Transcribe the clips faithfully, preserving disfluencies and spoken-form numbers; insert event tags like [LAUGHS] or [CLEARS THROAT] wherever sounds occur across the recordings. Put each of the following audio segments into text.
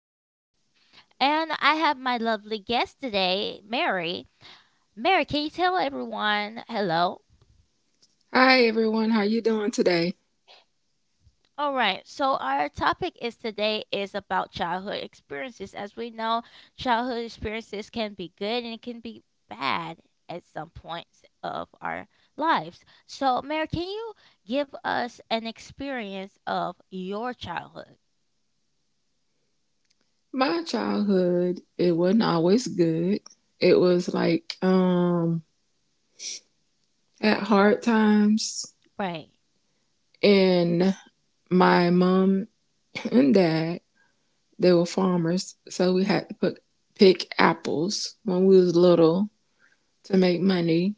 Desiree. And I have my lovely guest today, Mary. Mary, can you tell everyone hello? Hi everyone, how you doing today? All right, so our topic is today is about childhood experiences. As we know, childhood experiences can be good and it can be bad at some points of our lives. So, Mary, can you give us an experience of your childhood? My childhood, it wasn't always good. It was like um at hard times. Right. And my mom and dad, they were farmers, so we had to put, pick apples when we was little to make money.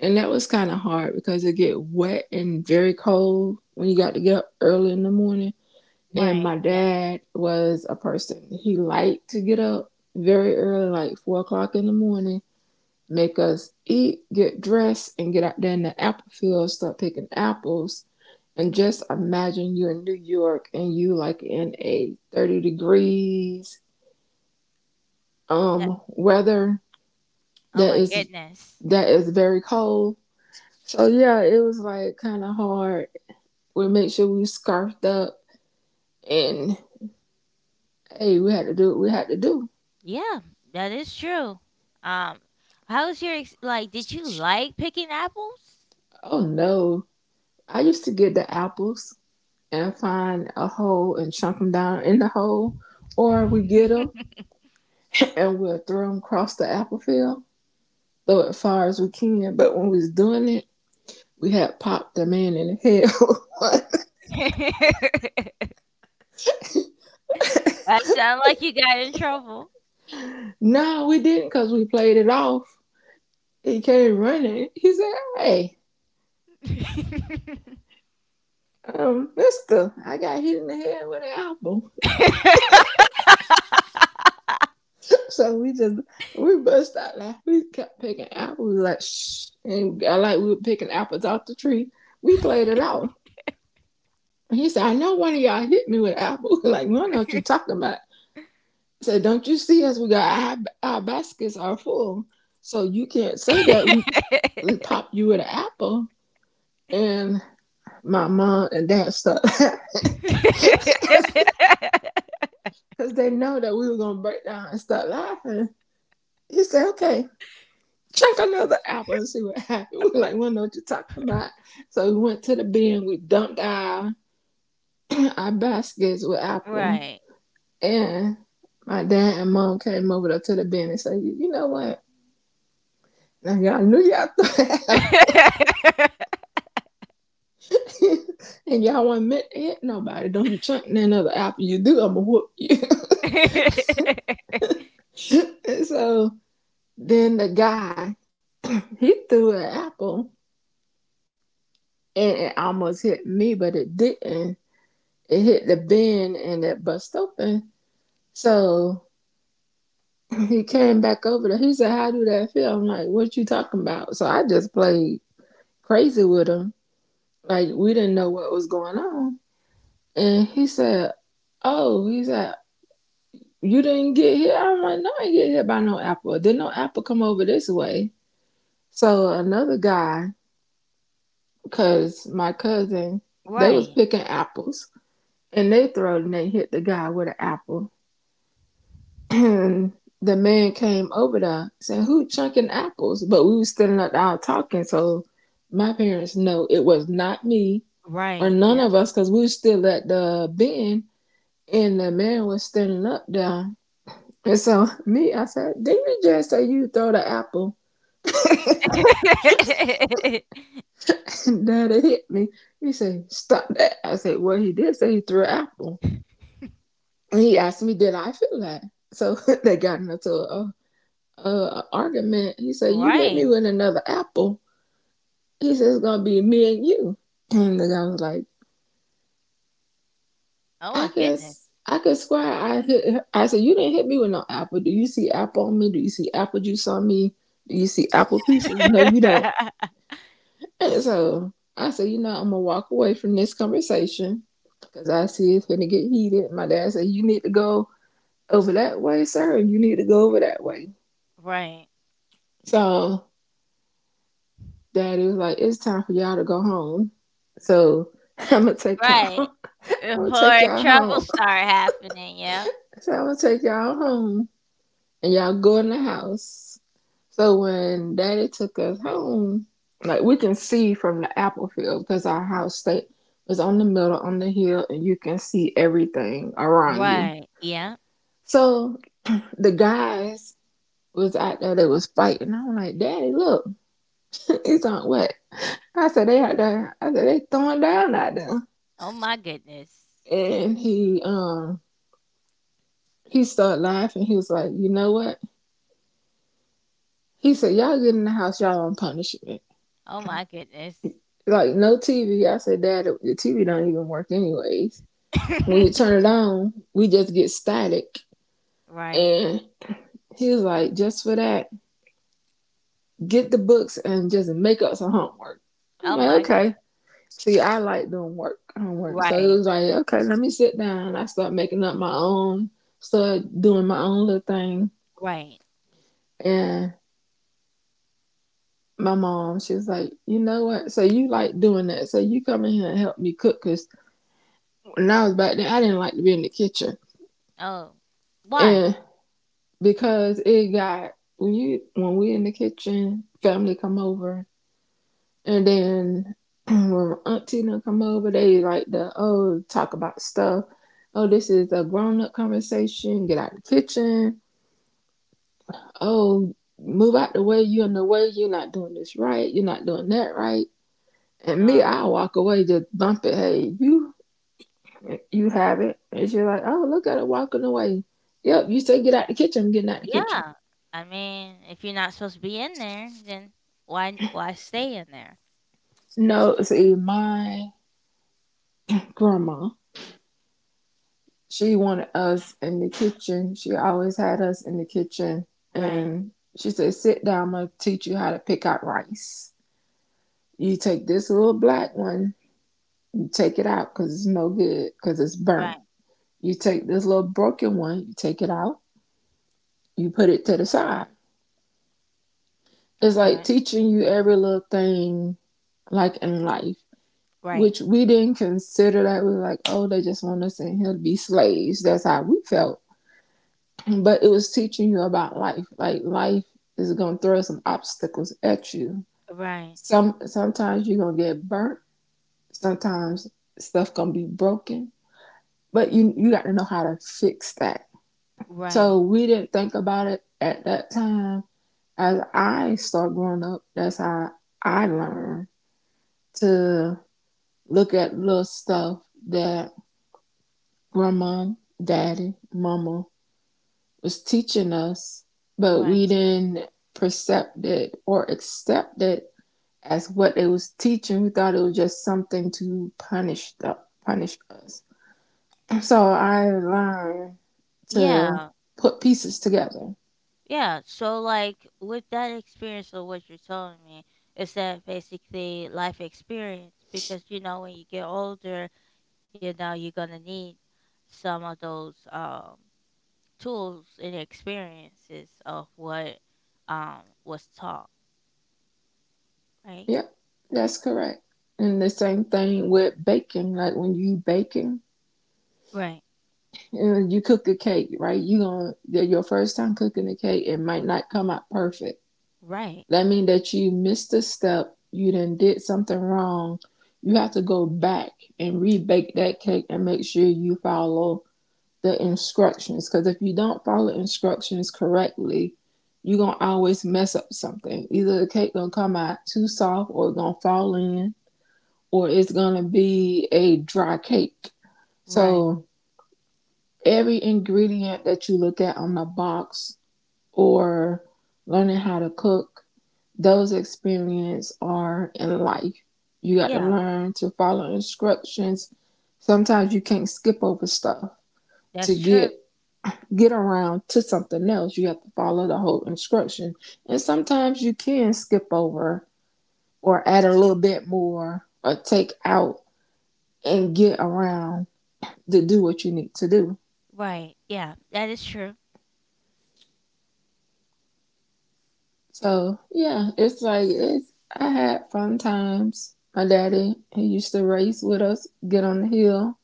And that was kind of hard because it get wet and very cold when you got to get up early in the morning. And Right. my Yeah. dad was a person. He liked to get up very early, like four o'clock in the morning, make us eat, get dressed, and get out there in the apple field, start picking apples. And just imagine you're in New York and you like in a thirty degrees That, um weather. oh that my is goodness. that is very cold. So yeah, it was like kind of hard. We made sure we scarfed up and hey, we had to do what we had to do. Yeah, that is true. Um, How's your ex- like? Did you like picking apples? Oh no, I used to get the apples and find a hole and chunk them down in the hole, or we get them [LAUGHS] and we'll throw them across the apple field, throw it far as we can. But when we was doing it, we had popped the man in the head. [LAUGHS] That sound like you got in trouble. No, we didn't because we played it off. He came running. He said, "Hey, um, Mister, I got hit in the head with an apple." So we just we bust out like we kept picking apples like shh, and I like we were picking apples off the tree. We played it off. And he said, "I know one of y'all hit me with an apple." [LAUGHS] Like, we don't know what you are talking about. I said, "Don't you see us? We got our, our baskets are full, so you can't say that we we popped you with an apple." And my mom and dad started laughing [LAUGHS] because [LAUGHS] they know that we were gonna break down and start laughing. He said, "Okay. Chunk another apple and see what [LAUGHS] happened." We're like, we don't know what you're talking about. So we went to the bin, we dumped our [CLEARS THROAT] our baskets with apple. Right. And my dad and mom came over to the bin and said, you know what? Now y'all knew y'all [LAUGHS] threw an apple [LAUGHS] and y'all wasn't meant to hit nobody. Don't you chunk another apple. You do, I'ma whoop you. [LAUGHS] [LAUGHS] And so then the guy, he threw an apple and it almost hit me, but it didn't. It hit the bin and it bust open. So he came back over there. He said, "How do that feel?" I'm like, "What you talking about?" So I just played crazy with him. Like, we didn't know what was going on. And he said, "Oh," he said, "you didn't get hit?" I'm like, "No, I didn't get hit by no apple. Didn't no apple come over this way?" So another guy, because my cousin, they was Right. picking apples and they throw and they hit the guy with an apple. [CLEARS THROAT] And the man came over there saying, "Who chunking apples?" But we was standing up out talking. So my parents know it was not me or Right. none Yep. of us because we was still at the bin and the man was standing up there. And so [LAUGHS] me, I said, "Did you just say you throw the apple?" [LAUGHS] [LAUGHS] And daddy hit me. He said, "Stop that." I said, "Well, he did say he threw an apple. And he asked me, did I feel that?" So [LAUGHS] they got into a, a, a argument. He said, "You hit me Right. with another apple." He says, "It's gonna be me and you." And the guy was like, Oh "I my goodness. guess I could swear I hit her." I said, "You didn't hit me with no apple. Do you see apple on me? Do you see apple juice on me? Do you see apple pieces? No, you don't." [LAUGHS] And so I said, you know, I'm gonna walk away from this conversation because I see it's gonna get heated. My dad said, "You need to go over that way, sir, and you need to go over that way." Right. So daddy was like, "It's time for y'all to go home." So [LAUGHS] I'm gonna take y'all [LAUGHS] Right. I'm gonna take Before y'all trouble home. start happening, yeah. So I'm gonna take y'all home and y'all go in the house. So when daddy took us home, like we can see from the apple field because our house stay was on the middle on the hill and you can see everything around you. Right. Yeah. So the guys was out there that was fighting. I'm like, "Daddy, look, [LAUGHS] it's on what?" I said, "They out there." I said, "They throwing down out there." Oh my goodness. And he um he started laughing. He was like, "You know what?" He said, "Y'all get in the house, y'all on punishment. Oh my goodness. Like no T V" I said, "Dad, the T V don't even work anyways. When you turn [LAUGHS] it on, we just get static." Right. And he was like, "Just for that, get the books and just make up some homework." I'm Oh like, my "Okay." goodness. See, I like doing work homework. So it Right. was like, okay, let me sit down. I start making up my own, start doing my own little thing. Right. And my mom, she was like, "You know what? So you like doing that. So you come in here and help me cook." Cause when I was back then, I didn't like to be in the kitchen. Oh. Why? And because it got when you when we in the kitchen, family come over, and then [CLEARS THROAT] when auntie done come over, they like the oh talk about stuff. Oh, this is a grown up conversation. Get out of the kitchen. Oh, move out the way. You're in the way. You're not doing this right. You're not doing that right. And me, I Oh. walk away, just bump it. Hey, you, you have it. And she's like, oh, look at her walking away. Yep, you say get out the kitchen. I'm getting out the kitchen. Yeah. I mean, if you're not supposed to be in there, then why why stay in there? No, see, my grandma. She wanted us in the kitchen. She always had us in the kitchen. Right. And she said, "Sit down, I'm going to teach you how to pick out rice. You take this little black one, you take it out because it's no good, because it's burnt. Right. You take this little broken one, you take it out, you put it to the side." It's like Okay. teaching you every little thing, like in life, Right. which we didn't consider that. We were like, oh, they just want us in here to be slaves. That's how we felt. But it was teaching you about life. Like life is gonna throw some obstacles at you. Right. Some sometimes you're gonna get burnt. Sometimes stuff gonna be broken. But you you got to know how to fix that. So Right. we didn't think about it at that time. As I start growing up, that's how I learned to look at little stuff that grandma, daddy, mama was teaching us, but Right. we didn't percept it or accept it as what it was teaching. We thought it was just something to punish the punish us. So I learned to Yeah. put pieces together. Yeah, so like with that experience of what you're telling me, is that basically life experience? Because you know when you get older, you know you're gonna need some of those um tools and experiences of what um was taught, right? Yep, Yeah. that's correct. And the same thing with baking. Like when you baking, Right. and you cook a cake, right? You gonna your first time cooking a cake, it might not come out perfect. Right. That means that you missed a step, you done did something wrong. You have to go back and rebake that cake and make sure you follow the instructions. Because if you don't follow instructions correctly, you're gonna always mess up something. Either the cake gonna come out too soft or it's gonna fall in, or it's gonna be a dry cake. Right. So every ingredient that you look at on the box or learning how to cook, those experiences are in life. You got to Yeah, learn to follow instructions. Sometimes you can't skip over stuff to that's true. get get around to something else. You have to follow the whole instruction. And sometimes you can skip over or add a little bit more or take out and get around to do what you need to do. Right. Yeah, that is true. So yeah, it's like it's I had fun times. My daddy, he used to race with us, get on the hill.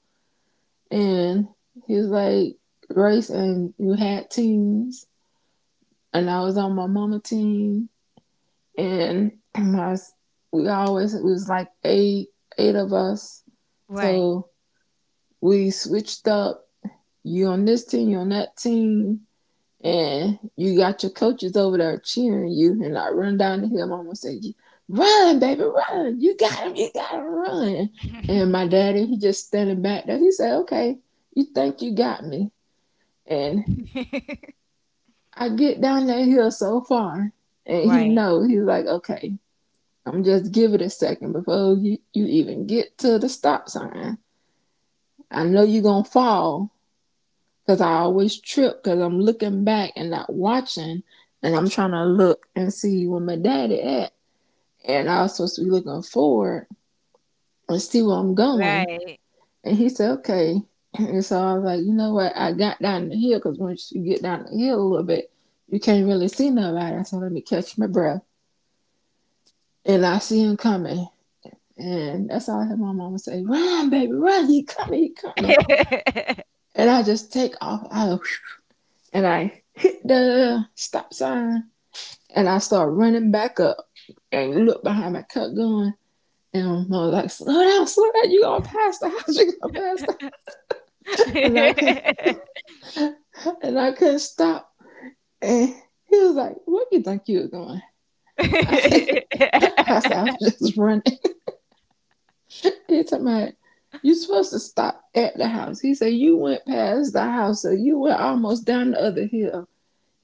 And he was like, "Race," and you had teams. And I was on my mama team. And [CLEARS THROAT] my, we always, it was like eight, eight of us. Right. So we switched up. You on this team, you on that team. And you got your coaches over there cheering you. And I run down the hill. Mama said, "Run, baby, run. You got him. You got to run." And my [LAUGHS] daddy, he just standing back there. He said, "Okay, you think you got me." And [LAUGHS] I get down that hill so far, and he Right. knows he's like, okay, I'm just give it a second before you, you even get to the stop sign. I know you gonna fall because I always trip because I'm looking back and not watching, and I'm trying to look and see where my daddy at, and I was supposed to be looking forward and see where I'm going. Right. And he said, okay. And so I was like, you know what? I got down the hill because once you get down the hill a little bit, you can't really see nobody. So let me catch my breath. And I see him coming. And that's all I heard my mama say, run, baby, run, he coming, he coming. [LAUGHS] And I just take off out and I hit the stop sign and I start running back up and look behind my cut going. And I was like, slow down, slow down, you gonna pass the house, [LAUGHS] you gonna pass the house. And I could [LAUGHS] not and I couldn't stop. And he was like, where you think you were going? I said, [LAUGHS] I was just running. [LAUGHS] He talking about you supposed to stop at the house. He said you went past the house, so you went almost down the other hill.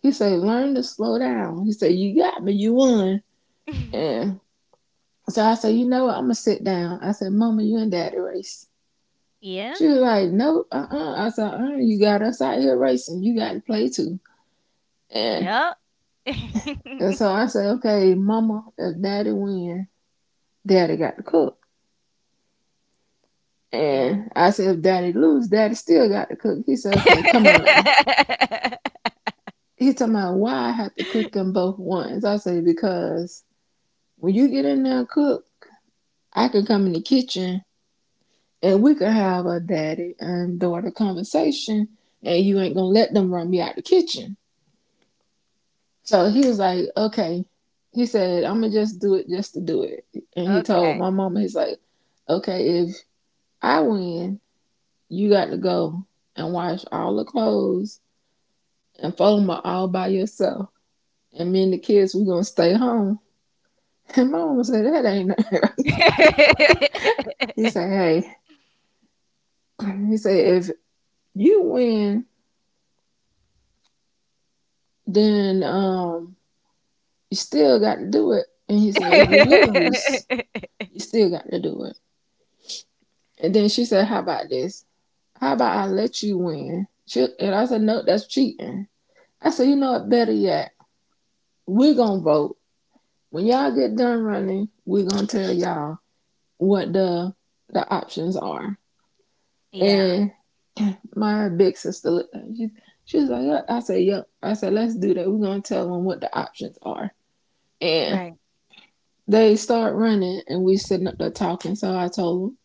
He said learn to slow down. He said you got me, you won. And so I said, you know what, I'm gonna sit down. I said, Mama, you and Daddy race. Yeah. She was like, nope, uh uh. I said, uh, you got us out here racing. You got to play too. And Yep. and so [LAUGHS] I said, okay, Mama, if Daddy win, Daddy got to cook. Yeah. And I said, if Daddy lose, Daddy still got to cook. He said, okay, come on now. [LAUGHS] He talking about why I have to cook them both once. I say because when you get in there and cook, I can come in the kitchen and we can have a daddy and daughter conversation, and you ain't gonna let them run me out the kitchen. So he was like, okay. He said, I'm gonna just do it just to do it. And he told Okay. my mama, he's like, okay, if I win, you got to go and wash all the clothes and fold them all by yourself. And me and the kids, we're gonna stay home. And my mama said, that ain't nothing. [LAUGHS] He said, hey, [LAUGHS] he said, if you win, then um, you still got to do it. And he said, if you lose, [LAUGHS] you still got to do it. And then she said, how about this? How about I let you win? She- And I said, no, that's cheating. I said, you know what? Better yet, we're going to vote. When y'all get done running, we're going to tell y'all what the the options are. Yeah. And my big sister looked at She, she was like, "Yeah." I said, yep. I said, let's do that. We're going to tell them what the options are. And Right. they start running and we sitting up there talking. So I told them,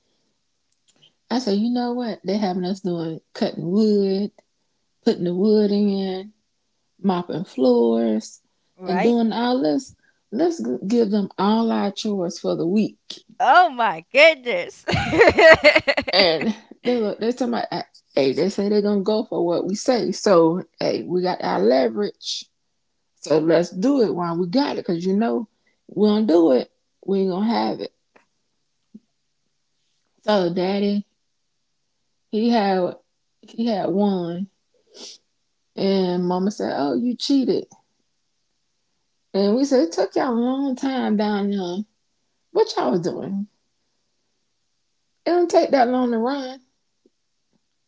I said, you know what? They having us doing cutting wood, putting the wood in, mopping floors, and Right? doing all this. Let's give them all our chores for the week. Oh my goodness. And they look, they talking about, hey, they say they're going to go for what we say. So, hey, we got our leverage. So let's do it while we got it, cause you know we don't do it, we ain't gonna have it. So daddy, he had he had one, and mama said, "Oh, you cheated," and we said, "It took y'all a long time down there. What y'all was doing? It don't take that long to run.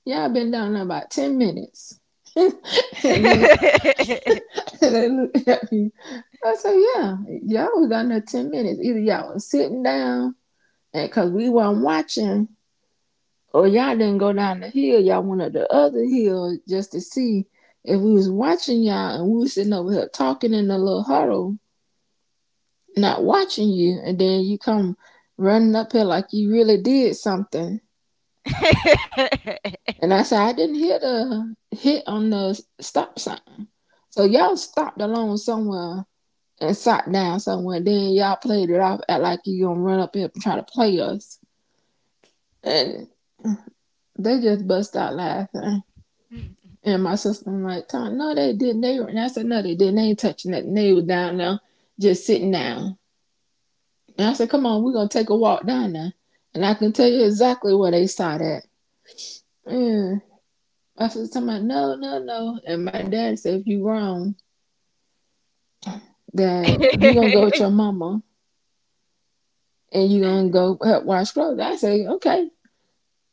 Y'all been down there about ten minutes." [LAUGHS] and they and they looked at me. I said, "Yeah, y'all was down there ten minutes. Either y'all was sitting down, and cause we weren't watching." Oh, y'all didn't go down the hill. Y'all went up the other hill just to see if we was watching y'all and we was sitting over here talking in a little huddle, not watching you. And then you come running up here like you really did something. [LAUGHS] And I said, I didn't hear the hit on the stop sign. So y'all stopped along somewhere and sat down somewhere. Then y'all played it off, act like you gonna run up here and try to play us. And they just bust out laughing. And my sister I'm like, Tom, no, they didn't. They were, and I said, no, they didn't. They ain't touching nothing. They was down there just sitting down. And I said, come on, we're going to take a walk down there. And I can tell you exactly where they started at. And I said, somebody, no, no, no. And my dad said, if you wrong, that you're going to go with your mama and you're going to go help wash clothes. I say, okay.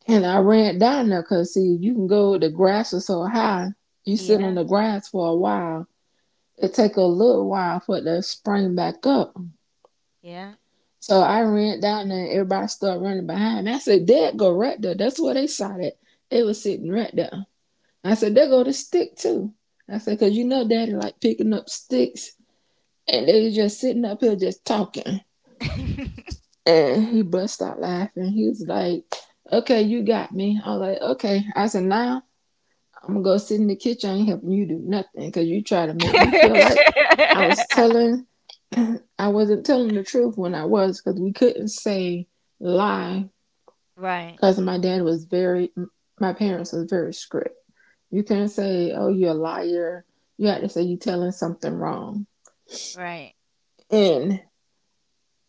And I ran down there because, see, you can go, the grass was so high. You sit Yeah. on the grass for a while. It take a little while for it to spring back up. Yeah. So I ran down there and everybody started running behind me. I said, there go right there. That's where they saw it. They was sitting right there. I said, there go the stick too. I said, cause you know daddy like picking up sticks and they was just sitting up here just talking. And he bust out laughing. He was like, okay, you got me. I was like, okay. I said, now I'm gonna go sit in the kitchen. I ain't helping you do nothing because you try to make me feel like I was [LAUGHS] telling I wasn't telling the truth when I was because we couldn't say lie Right. because my dad was very my parents was very strict. You couldn't say oh you're a liar, you had to say you telling something wrong. Right, And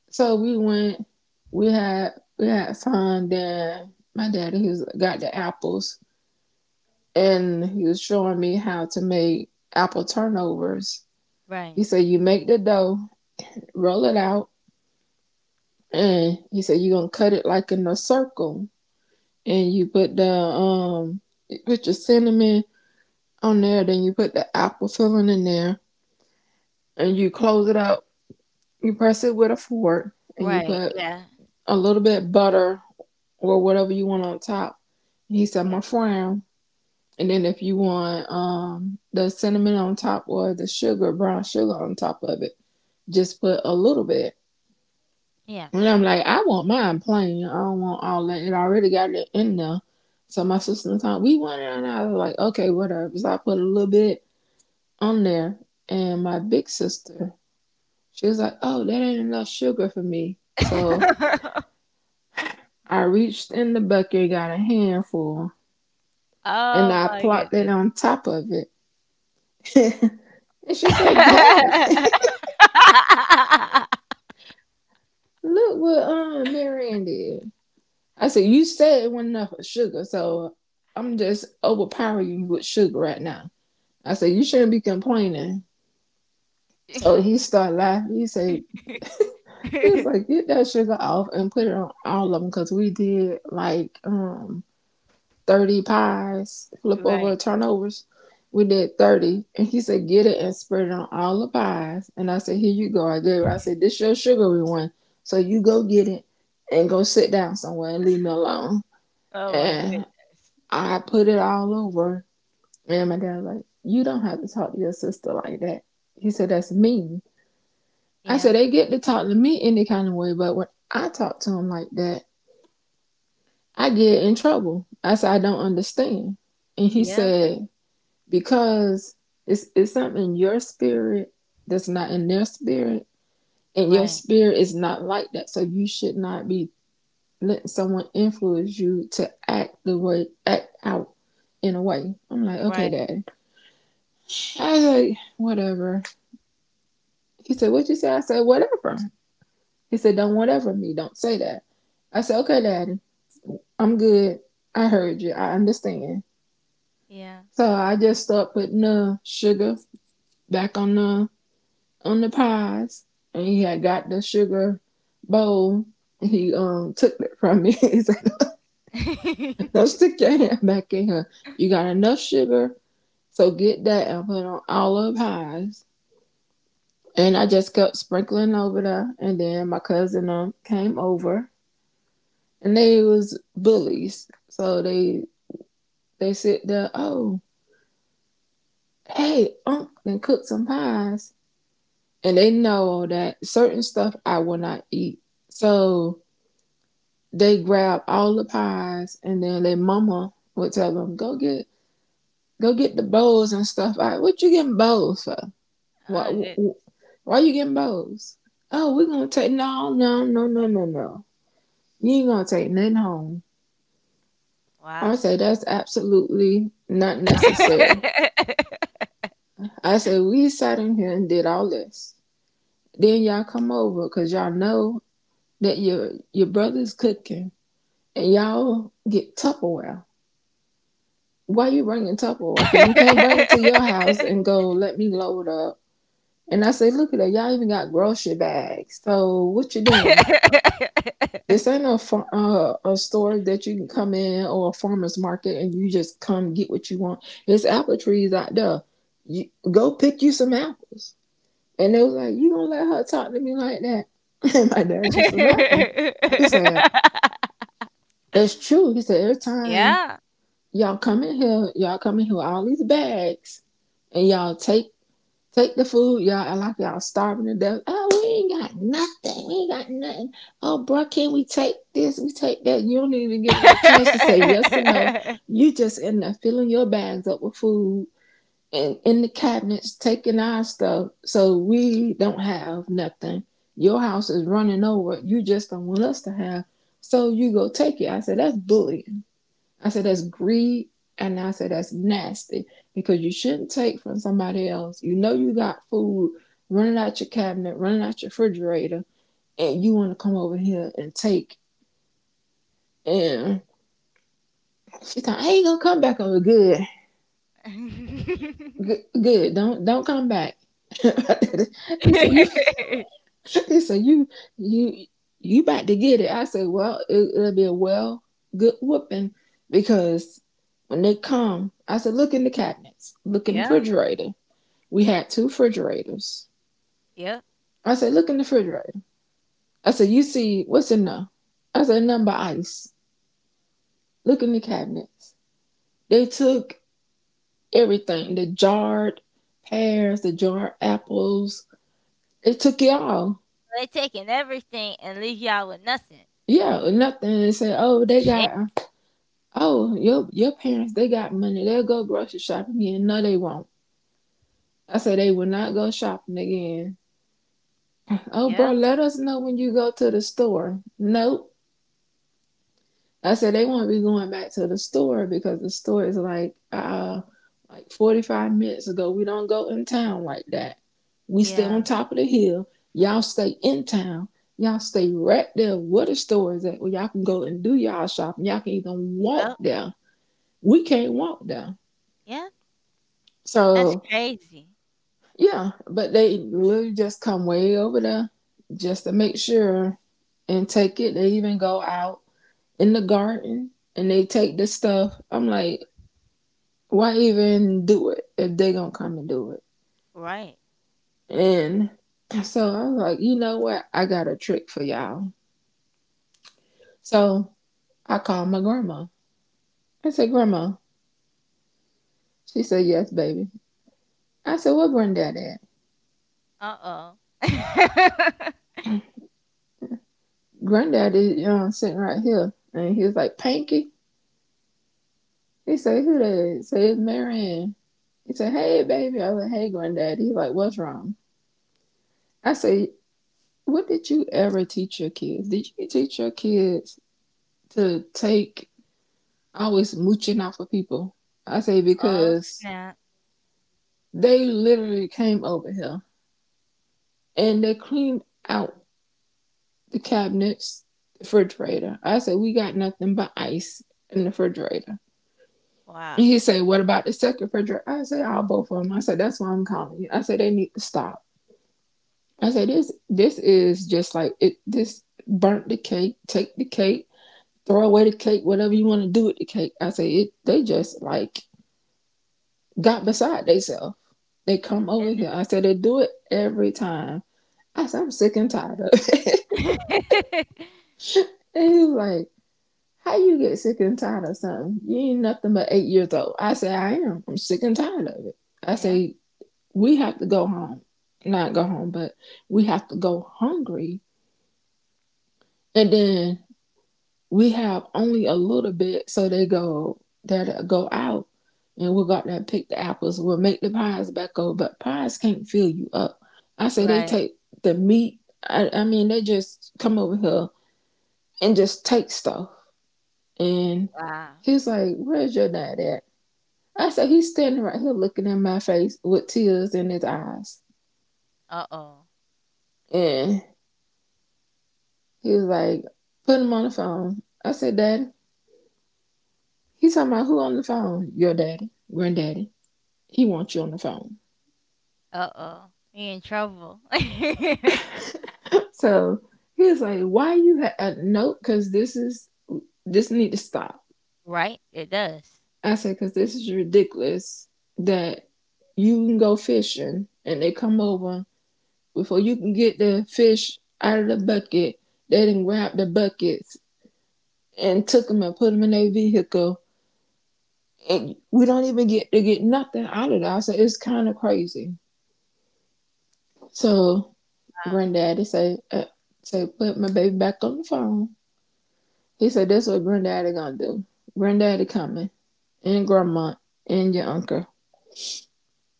so we went we had we had fun. Then my daddy he was got the apples and he was showing me how to make apple turnovers. right, He said you make the dough, roll it out, and he said you're gonna cut it like in a circle, and you put the um put your cinnamon on there. Then you put the apple filling in there and you close it up. You press it with a fork and you right, put yeah, a little bit butter or whatever you want on top. And he said, my yeah, frown. And then if you want um, the cinnamon on top or the sugar, brown sugar on top of it, just put a little bit. yeah. And I'm like, I want mine plain. I don't want all that. It already got it in there. So my sister and I, we went in and I was like, okay, whatever. So I put a little bit on there. And my big sister, she was like, oh, that ain't enough sugar for me. So [LAUGHS] I reached in the bucket and got a handful and Oh I my plopped it goodness. on top of it. And she said, Daddy, [LAUGHS] look what um Marianne did. I said, you said it wasn't enough sugar, so I'm just overpowering you with sugar right now. I said, you shouldn't be complaining. So he started laughing. He said, he was like, get that sugar off and put it on all of them because we did like um thirty pies, flip Right. over turnovers. We did thirty. And he said, get it and spread it on all the pies. And I said, here you go. I gave her, I said, this your sugary one. So you go get it and go sit down somewhere and leave me alone. Oh my And goodness. I put it all over. And my dad was like, you don't have to talk to your sister like that. He said, that's mean. I said, Yeah, they get to talk to me any kind of way. But when I talk to them like that, I get in trouble. I said, I don't understand. And he yeah, said, because it's it's something in your spirit that's not in their spirit, and your right, spirit is not like that. So you should not be letting someone influence you to act the way act out in a way. I'm like, okay, right, daddy. I was like, whatever. He said, what you say? I said, whatever. He said, don't whatever me. Don't say that. I said, okay, daddy. I'm good. I heard you. I understand. yeah. So I just start putting the sugar back on the on the pies, and he had got the sugar bowl. He um took it from me. [LAUGHS] he said, [LAUGHS] "Don't stick your hand back in her. You got enough sugar, so get that and put on all of pies." And I just kept sprinkling over there. And then my cousin um came over, and they was bullies, so they they sit there. Oh, hey, um, and cook some pies, and they know that certain stuff I will not eat. So they grab all the pies, and then their mama would tell them, "Go get go get the bowls and stuff." All right, what you getting bowls for? why, Oh goodness. why are you getting bowls? "Oh, we're gonna take." No, no, no, no, no, no, you ain't gonna take nothing home. I Wow. say, "That's absolutely not necessary." I say, "We sat in here and did all this, then y'all come over because y'all know that your your brother's cooking, and y'all get Tupperware. Why you bringing Tupperware? Because we can't bring it to your house and [LAUGHS] go, let me load up." And I say, "Look at that. Y'all even got grocery bags. So what you doing? This ain't a, uh, a store that you can come in, or a farmer's market, and you just come get what you want. There's apple trees out there. You, go pick you some apples." And they was like, "You gonna let her talk to me like that?" [LAUGHS] And my dad just was laughing. He said, [LAUGHS] "It's true." He said, "Every time Yeah. y'all come in here, y'all come in here with all these bags, and y'all take." Take the food, y'all. I like y'all starving to death. "Oh, we ain't got nothing. We ain't got nothing. Oh, bro, can we take this? We take that." You don't even give them a chance to say yes or no. [LAUGHS] You just end up filling your bags up with food, and in the cabinets, taking our stuff. "So we don't have nothing. Your house is running over. You just don't want us to have. So you go take it." I said, "That's bullying." I said, "That's greed." And I said, "That's nasty, because you shouldn't take from somebody else. You know you got food running out your cabinet, running out your refrigerator, and you want to come over here and take." And she thought, I ain't gonna come back over. Good. Good, good. Don't don't come back. [LAUGHS] He said, "You" he said you you you about to get it." I said, "Well, it, it'll be a well good whooping, because when they come," I said, "look in the cabinets, look in the Yeah. refrigerator." We had two refrigerators. Yeah. I said, "Look in the refrigerator." I said, "You see what's in there?" I said, "Nothing but ice. Look in the cabinets." They took everything, the jarred pears, the jarred apples. They took it all. They taking everything and leave y'all with nothing. Yeah, nothing. They said, "Oh, they Shit. got," oh, your your parents, they got money. They'll go grocery shopping again. No, they won't. I said, "They will not go shopping again." "Oh, bro, Yeah. let us know when you go to the store." Nope. I said, "They won't be going back to the store because the store is like uh like forty five minutes ago. We don't go in town like that. We stay Yeah. on top of the hill. Y'all stay in town. Y'all stay right there where the store is at, where y'all can go and do y'all shopping. Y'all can even Yep. walk down. We can't walk down." Yeah. That's So crazy. yeah, but they literally just come way over there just to make sure and take it. They even go out in the garden and they take the stuff. I'm like, why even do it if they gonna come and do it? Right. And so I was like, you know what? I got a trick for y'all. So I called my grandma. I said, "Grandma." She said, "Yes, baby." I said, "What granddad at?" Uh oh. [LAUGHS] "Granddad is uh, sitting right here." And he was like, "Pinky." He said, "Who that is?" He said, "It's Marianne." He said, "Hey, baby." I was like, "Hey, granddad." He's like, "What's wrong?" I said, "What did you ever teach your kids? Did you teach your kids to take, always mooching off of people. I say, Oh because snap. they literally came over here and they cleaned out the cabinets, the refrigerator." I said, "We got nothing but ice in the refrigerator." Wow. And he said, "What about the second refrigerator?" I said, "I'll both of them." I said, "That's why I'm calling you." I said, "They need to stop." I said, "This this is just like it. This burnt the cake, take the cake, throw away the cake, whatever you want to do with the cake." I said, "It they just like got beside themselves. They I come over get here." I said, "They do it every time." I said, "I'm sick and tired of it." it. [LAUGHS] [LAUGHS] And he was like, "How you get sick and tired of something? You ain't nothing but eight years old." I said, "I am. I'm sick and tired of it." I Yeah. say, "We have to go home, not go home, but we have to go hungry, and then we have only a little bit, so they go that uh, go out, and we'll go out there and pick the apples, we'll make the pies back over, but pies can't fill you up." I say, "They Right. take the meat. i, I mean, they just come over here and just take stuff." And Wow. he's like, "Where's your dad at?" I said, "He's standing right here looking at my face with tears in his eyes." Uh oh. And he was like, "Put him on the phone." I said, "Daddy." He's talking about, "Who on the phone?" "Your daddy, granddaddy, he wants you on the phone." Uh oh. He in trouble. [LAUGHS] So he was like, "Why you have a note? Because this is, this need to stop." Right? It does. I said, "Because this is ridiculous, that you can go fishing and they come over before you can get the fish out of the bucket. They didn't grab the buckets and took them and put them in their vehicle. And we don't even get to get nothing out of that. So it's kind of crazy." So Wow. granddaddy said, uh, say, "Put my baby back on the phone." He said, "That's what granddaddy gonna do. Granddaddy coming, and grandma, and your uncle."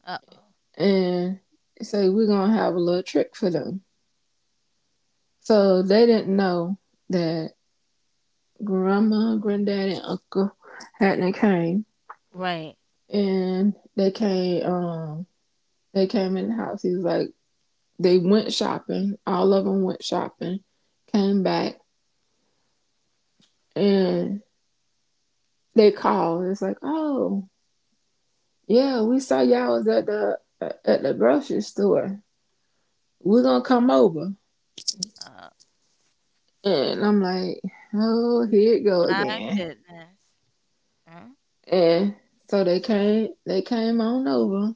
Uh oh. And he said, "We're gonna have a little trick for them." So they didn't know that grandma, granddaddy, and uncle hadn't came, Right. and they came um they came in the house. He was like, they went shopping. All of them went shopping, came back, and they called. It's like, "Oh yeah, we saw y'all was at the at the grocery store. We're gonna come over." Oh, And I'm like, oh, here it go my again. goodness. Mm. And so they came, they came on over,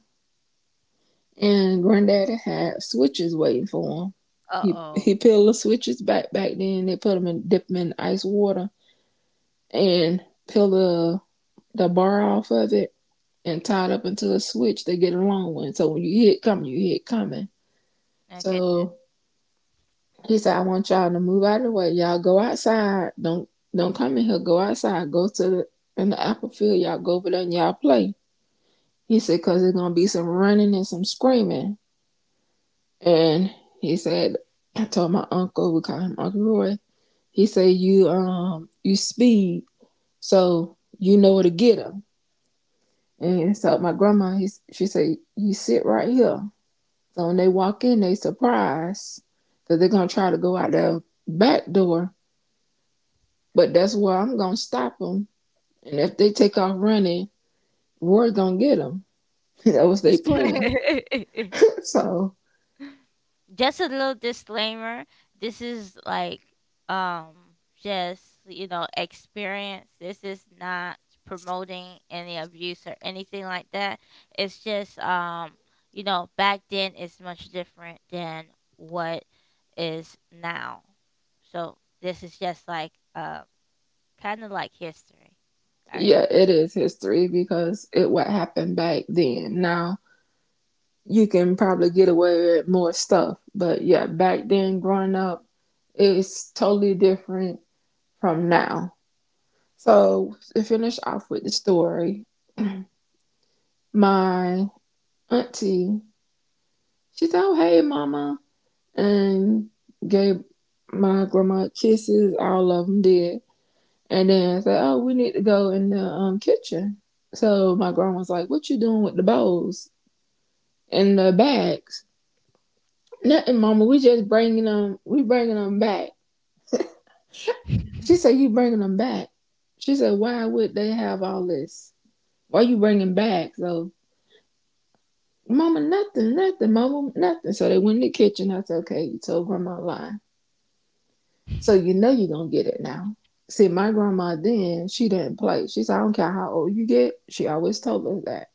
and Granddaddy had switches waiting for him. He he Uh-oh. peeled the switches back back then. They put them in, dip them in ice water, and peel the the bar off of it and tie it up into a switch. They get along with. So when you hear it coming, you hear it coming. My goodness. So he said, "I want y'all to move out of the way. Y'all go outside. Don't don't come in here. Go outside. Go to the in the apple field. Y'all go over there and y'all play." He said, "Cause there's gonna be some running and some screaming." And he said, I told my uncle, we call him Uncle Roy. He said, "You um you speed, so you know where to get 'em." And so my grandma, he, she said, "You sit right here. So when they walk in, they surprised, because they're gonna try to go out the back door, but that's where I'm gonna stop them. And if they take off running, we're gonna get them." [LAUGHS] That was their plan. [LAUGHS] So [LAUGHS] Just a little disclaimer. This is like um just, you know, experience. This is not promoting any abuse or anything like that. It's just um, you know, back then is much different than what is now. So this is just like uh kind of like history. All right. yeah, it is history, because it what happened back then. Now you can probably get away with more stuff, but yeah, back then growing up, it's totally different from now. So to finish off with the story, my auntie, she said, "Oh hey, mama," and gave my grandma kisses. All of them did. And then I said, "Oh, we need to go in the um, kitchen." So my grandma was like, "What you doing with the bowls and the bags?" "Nothing, Mama. We just bringing them. We bringing them back." She said, [LAUGHS] "You bringing them back?" She said, "Why would they have all this? Why you bringing bags?" "So, Mama, nothing, nothing, Mama, nothing." So they went in the kitchen. I said, "Okay, you told Grandma a lie. So you know you're gonna get it now." See, my grandma then, she didn't play. She said, "I don't care how old you get." She always told us that.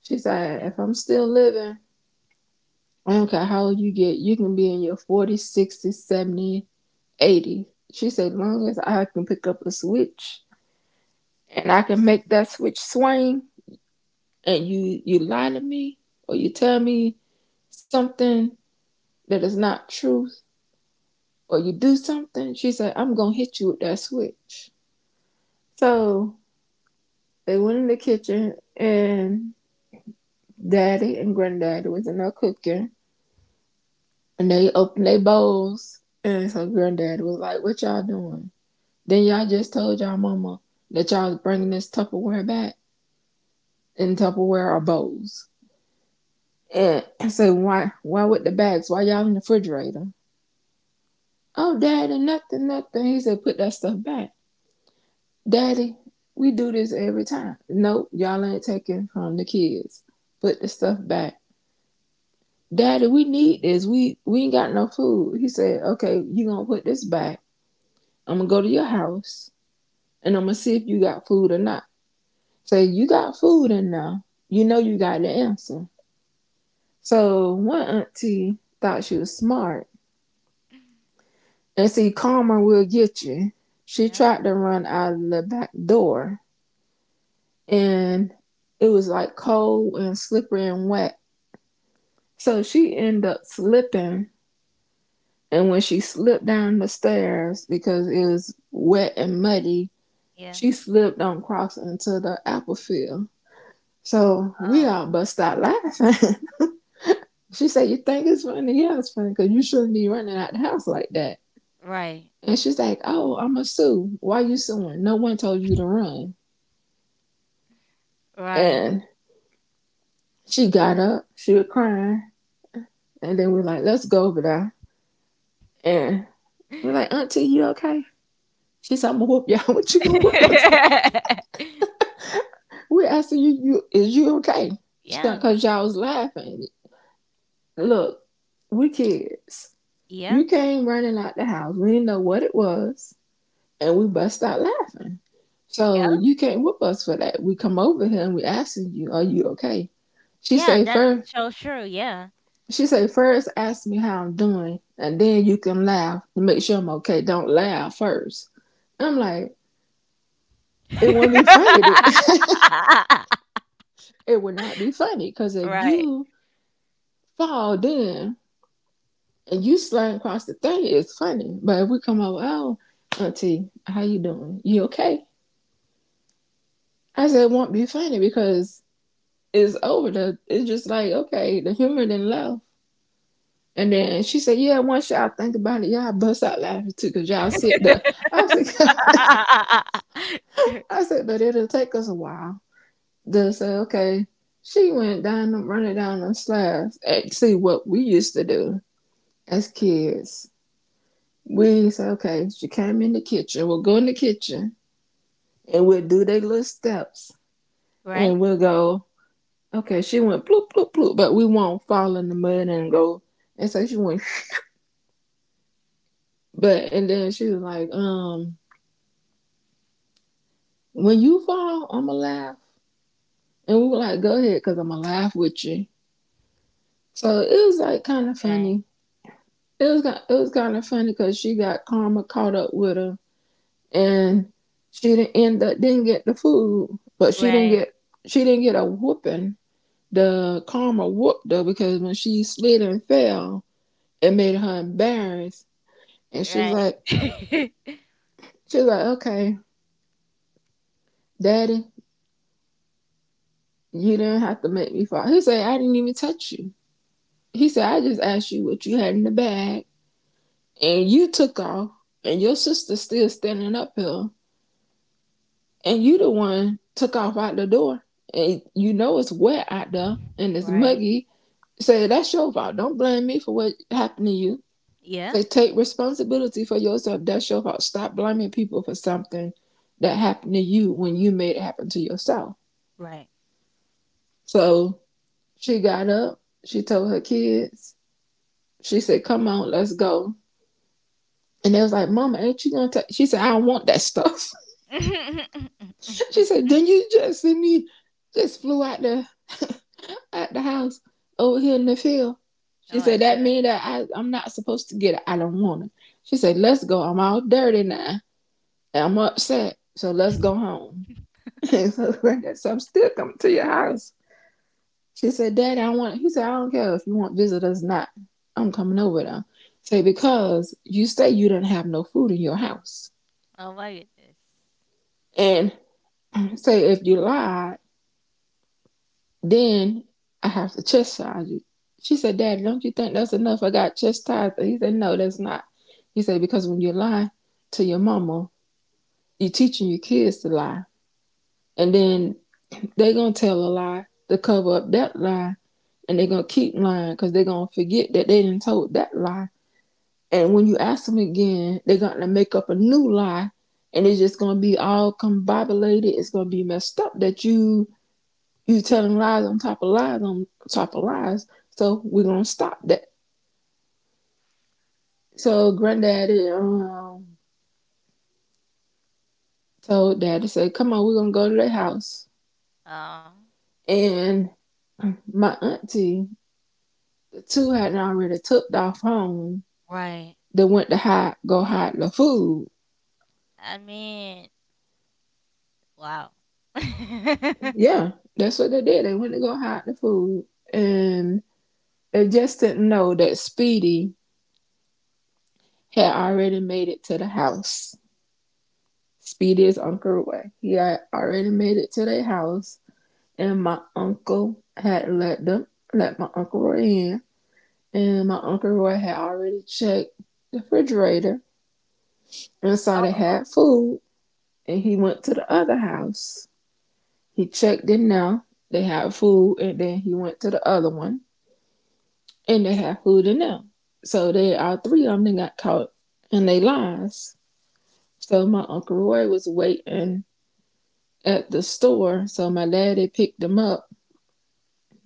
She said, Yeah, "If I'm still living, I don't care how old you get, you can be in your forties, sixties, seventies, eighties" She said, "As long as I can pick up a switch, and I can make that switch swing, and you you lie to me, or you tell me something that is not truth, or you do something," she said, "I'm gonna hit you with that switch." So they went in the kitchen, and Daddy and Granddaddy was in there cooking, and they opened their bowls. And so Granddaddy was like, "What y'all doing? Then y'all just told y'all mama that y'all was bringing this Tupperware back, and Tupperware are bowls." yeah, And I said, Why why with the bags? Why y'all in the refrigerator?" "Oh Daddy, nothing, nothing." He said, "Put that stuff back." "Daddy, we do this every time." "Nope, y'all ain't taking from the kids. Put the stuff back." "Daddy, we need this. We we ain't got no food." He said, "Okay, you gonna put this back. I'm gonna go to your house and I'm gonna see if you got food or not." Say, "You got food in there. You know you got the answer." So one auntie thought she was smart. And see, karma will get you. She yeah, tried to run out of the back door, and it was like cold and slippery and wet. So she ended up slipping. And when she slipped down the stairs because it was wet and muddy, yeah. she slipped on cross into the apple field. So we Oh, all bust out laughing. [LAUGHS] She said, "You think it's funny?" "Yeah, it's funny because you shouldn't be running out the house like that." right, And she's like, "Oh, I'm a sue." "Why you suing? No one told you to run." right. And she got up, she was crying. And then we're like, "Let's go over there." And we're like, "Auntie, you okay?" She said, "I'm gonna whoop y'all." [LAUGHS] "What you gonna [LAUGHS] whoop us? We asking you, you is you okay?" She thought Yeah, because y'all was laughing. "Look, we kids. yeah, You came running out the house. We didn't know what it was, and we bust out laughing. yeah, So you can't whoop us for that. We come over here and we asking you, are you okay?" She yeah. say That's first. so true. Yeah. She say, "First ask me how I'm doing, and then you can laugh to make sure I'm okay. Don't laugh first." I'm like, "It wouldn't be funny then." [LAUGHS] [LAUGHS] "It would not be funny because if Right. you fall, then and you sliding across the thing is funny. But if we come over, 'Oh, Auntie, how you doing? You okay?'" I said, "It won't be funny because it's over. The, it's just like, okay, the humor didn't love." And then she said, "Yeah, once y'all think about it, y'all bust out laughing too because y'all sit there." I said, [LAUGHS] [LAUGHS] I said, "But it'll take us a while." They say, "Okay." She went down, them, running down the slabs. And see what we used to do as kids. We said, "Okay, she came in the kitchen. We'll go in the kitchen and we'll do their little steps Right. and we'll go, okay, she went bloop, bloop, bloop, but we won't fall in the mud and go and say she went." [LAUGHS] But, and then she was like, um, "When you fall, I'm gonna laugh." And we were like, "Go ahead, cause I'm gonna laugh with you." So it was like kind of Right. funny. It was, it was kind of funny cause she got karma caught up with her, and she didn't end up, didn't get the food, but she didn't Right. get, she didn't get a whooping. The karma whooped her because when she slid and fell, it made her embarrassed. And she was Right. like, [LAUGHS] she was like, "Okay, Daddy, you didn't have to make me fall." He said, "I didn't even touch you." He said, "I just asked you what you had in the bag, and you took off, and your sister's still standing up here, and you the one took off out the door. And you know it's wet out there and it's Right. muggy." Say, "That's your fault. Don't blame me for what happened to you." Yeah. Say, "Take responsibility for yourself. That's your fault. Stop blaming people for something that happened to you when you made it happen to yourself." Right. So she got up. She told her kids. She said, "Come on, let's go." And they was like, "Mama, ain't you gonna take?" She said, "I don't want that stuff." [LAUGHS] [LAUGHS] Oh She said, "Didn't you just see me? Just flew out the at the house over here in the field." She my said, "That goodness. mean [LAUGHS] that I I'm not supposed to get it. I don't want it." She said, "Let's go. I'm all dirty now. And I'm upset. So let's go home." [LAUGHS] And so I got, so I'm still coming to your house. She said, "Daddy, I want." He said, "I don't care if you want visitors or not. I'm coming over though." Say, "Because you say you didn't have no food in your house." Oh my goodness. And [CLEARS THROAT] say, "If you lied, then I have to chastise you." She said, "Daddy, don't you think that's enough? I got chastised." He said, "No, that's not." He said, "Because when you lie to your mama, you're teaching your kids to lie. And then they are gonna tell a lie to cover up that lie, and they're gonna keep lying because they're gonna forget that they didn't told that lie. And when you ask them again, they're gonna make up a new lie, and it's just gonna be all combobulated. It's gonna be messed up that you you telling lies on top of lies on top of lies. So we're gonna stop that." So Granddaddy um, told Daddy, said, "Come on, we're gonna go to their house." Oh. And my auntie, the two hadn't already took off home. Right. They went to hide, go hide the food. I mean, wow. [LAUGHS] Yeah, that's what they did. They went to go hide the food, and they just didn't know that Speedy had already made it to the house. Speedy is Uncle Roy. He had already made it to their house, and my uncle had let them, let my Uncle Roy in, and my Uncle Roy had already checked the refrigerator and saw they Oh, had food, and he went to the other house. He checked it now. They had food, and then he went to the other one and they have food in them. So they all three of them then got caught in they lies. So my Uncle Roy was waiting at the store. So my daddy picked them up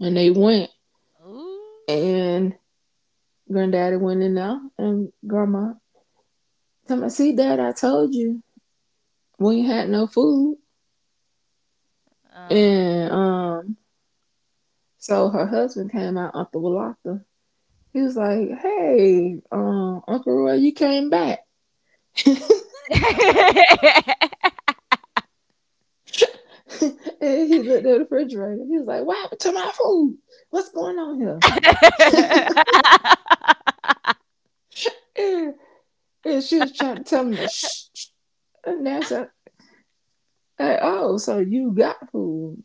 and they went, oh, ooh, and Granddaddy went in there, and Grandma told me, "See Dad, I told you we ain't had no food." uh. And um so her husband came out, Uncle Walata. He was like, "Hey, um, Uncle Roy, you came back." [LAUGHS] [LAUGHS] And he looked at the refrigerator. He was like, "What happened to my food? What's going on here?" [LAUGHS] And, and she was trying to tell him to shh, shh. And that's said, "Hey, oh, so you got food?"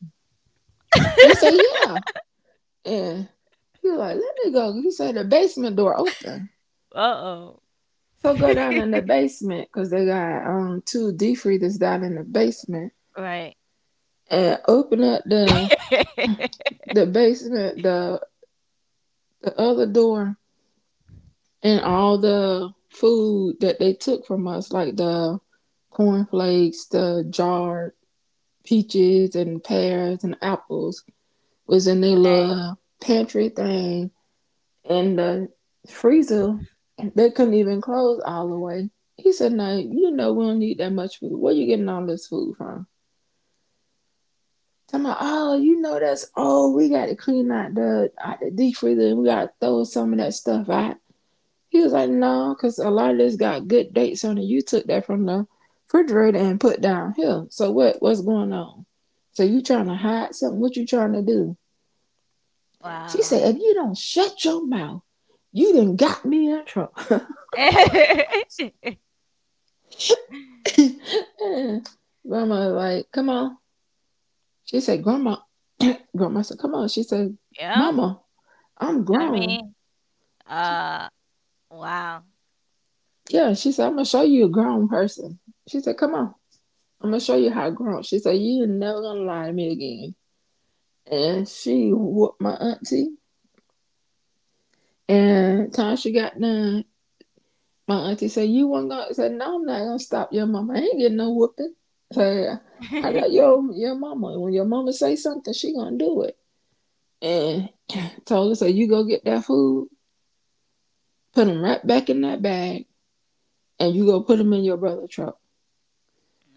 He said, "Yeah." And he was like, "Let me go." He said, "The basement door open." Uh-oh. So go down in [LAUGHS] the basement because they got um two deep freezers down in the basement Right. and open up the [LAUGHS] the basement the the other door. And all the food that they took from us, like the cornflakes, the jarred peaches and pears and apples, was in their Right. little pantry thing. And the freezer, they couldn't even close all the way. He said, "No, you know we don't need that much food. Where you getting all this food from?" Tell me, "Oh, you know that's, oh, we got to clean out the out the deep freezer, and we got to throw some of that stuff out." He was like, "No, because a lot of this got good dates on it. You took that from the refrigerator and put down here. So what? What's going on? So you trying to hide something? What you trying to do?" She Wow. said, "If you don't shut your mouth, you done got me in trouble." [LAUGHS] [LAUGHS] And Grandma was like, "Come on." She said, "Grandma, Grandma said, come on." She said, Yeah, "Mama, I'm I grown." mean, uh, wow. "Yeah," she said, "I'm gonna show you a grown person." She said, "Come on. I'm gonna show you how grown." She said, "You are never gonna lie to me again." And she whooped my auntie. And time she got done, my auntie said, "You want to?" Said, "No, I'm not gonna stop your mama. I ain't getting no whooping." Said, "I know [LAUGHS] your your mama. When your mama say something, she gonna do it." And told her, "So you go get that food, put them right back in that bag, and you go put them in your brother truck."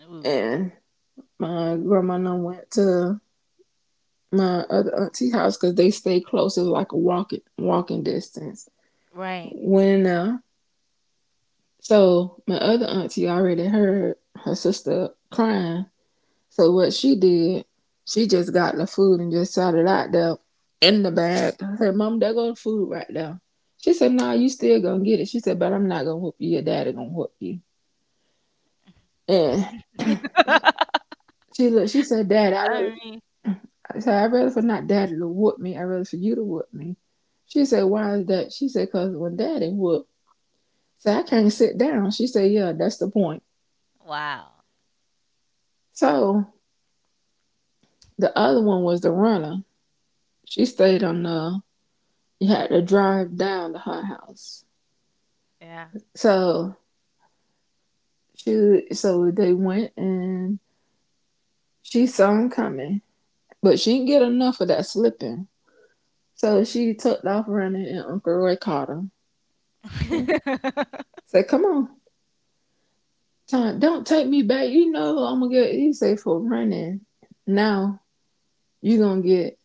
Ooh, And my grandma and I went to my other auntie's house because they stay close. It was like a walking walking distance. right. Went in there. So my other auntie already heard her sister crying. So what she did, she just got the food and just sat it out there in the bag. I said, "Mom, there go the food right there." She said, "No, nah, you still gonna get it." She said, "But I'm not gonna whoop you, your daddy gonna whoop you." And [LAUGHS] she looked, she said, "Dad, I rather I mean, I said, I'd rather for not daddy to whoop me, I'd rather for you to whoop me." She said, "Why is that?" She said, "Cause when daddy whooped, so I can't sit down." She said, "Yeah, that's the point." wow. So the other one was the runner. She stayed on the— you had to drive down to her house. Yeah. So she, so they went and she saw him coming, but she didn't get enough of that slipping. So she tucked off running, and Uncle Roy caught her. He [LAUGHS] said, "Come on, time, don't take me back. You know I'm gonna get." He said, "For running, now you gonna get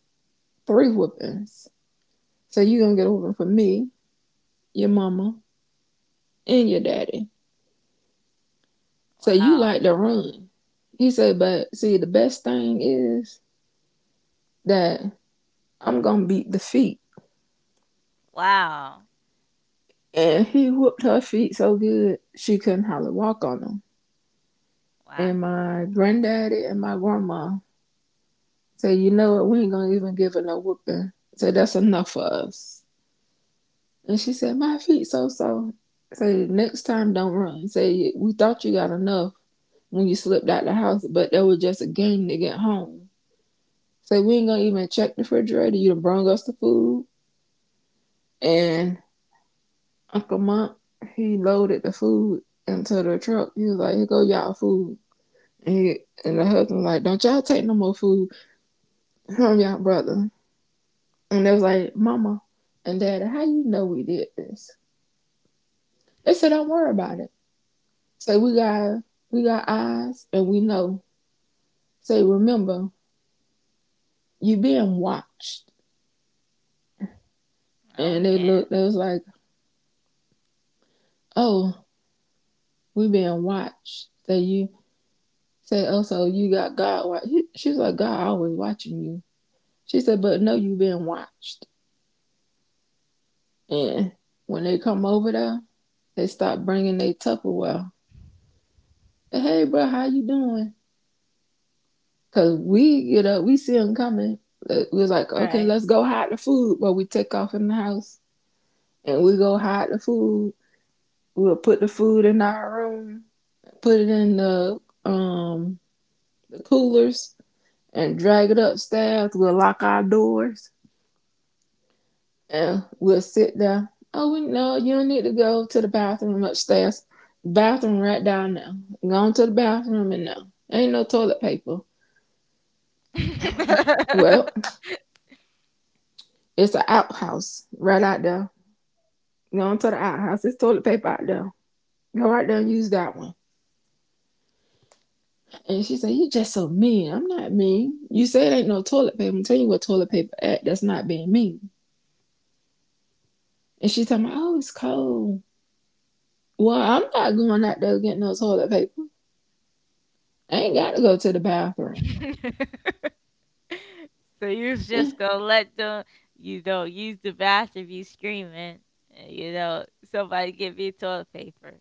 three whoopings. So you gonna get a whooping for me, your mama, and your daddy. So you Wow. like to run." He said, "But see, the best thing is that I'm going to beat the feet." Wow. And he whooped her feet so good, she couldn't hardly walk on them. Wow. And my granddaddy and my grandma said, "You know what, we ain't going to even give her no whooping. So that's enough for us." And she said, "My feet so-so." Say, "Next time don't run. Say, we thought you got enough when you slipped out the house, but that was just a game to get home. Say, we ain't going to even check the refrigerator. You done brung us the food." And Uncle Monk, he loaded the food into the truck. He was like, "Here go y'all food." And, he, and the husband was like, "Don't y'all take no more food from y'all brother." And they was like, "Mama and daddy, how you know we did this?" They said, "Don't worry about it. Say, we got, we got eyes and we know. Say, remember, you being watched." Oh And they man. looked, they was like, "Oh, we being watched." Say, "You, say, oh, so you got God. Wa-." She's like, "God always watching you." She said, "But no, you been watched." And when they come over there, they start bringing their Tupperware. "Hey, hey, bro, how you doing?" Cause we get up, we see them coming. Uh, We was like, "Okay, Right. let's go hide the food." But we take off in the house and we go hide the food. We'll put the food in our room, put it in the um the coolers, and drag it upstairs. We'll lock our doors and we'll sit there. "Oh, we, no, you don't need to go to the bathroom upstairs. Bathroom right down there." Going to the bathroom and, "No, ain't no toilet paper." "Well, [LAUGHS] it's an outhouse right out there." Going to the outhouse. "It's toilet paper out there. Go right there and use that one." And she said, "You just so mean." "I'm not mean. You say it ain't no toilet paper. I'm telling you what toilet paper at. That's not being mean." And she Wow. told me, "Oh, it's cold." "Well, I'm not going out there getting no toilet paper. I ain't got to go to the bathroom." So you was just gonna let them, you know, use the bathroom, you screaming, and, you know, somebody give me toilet paper.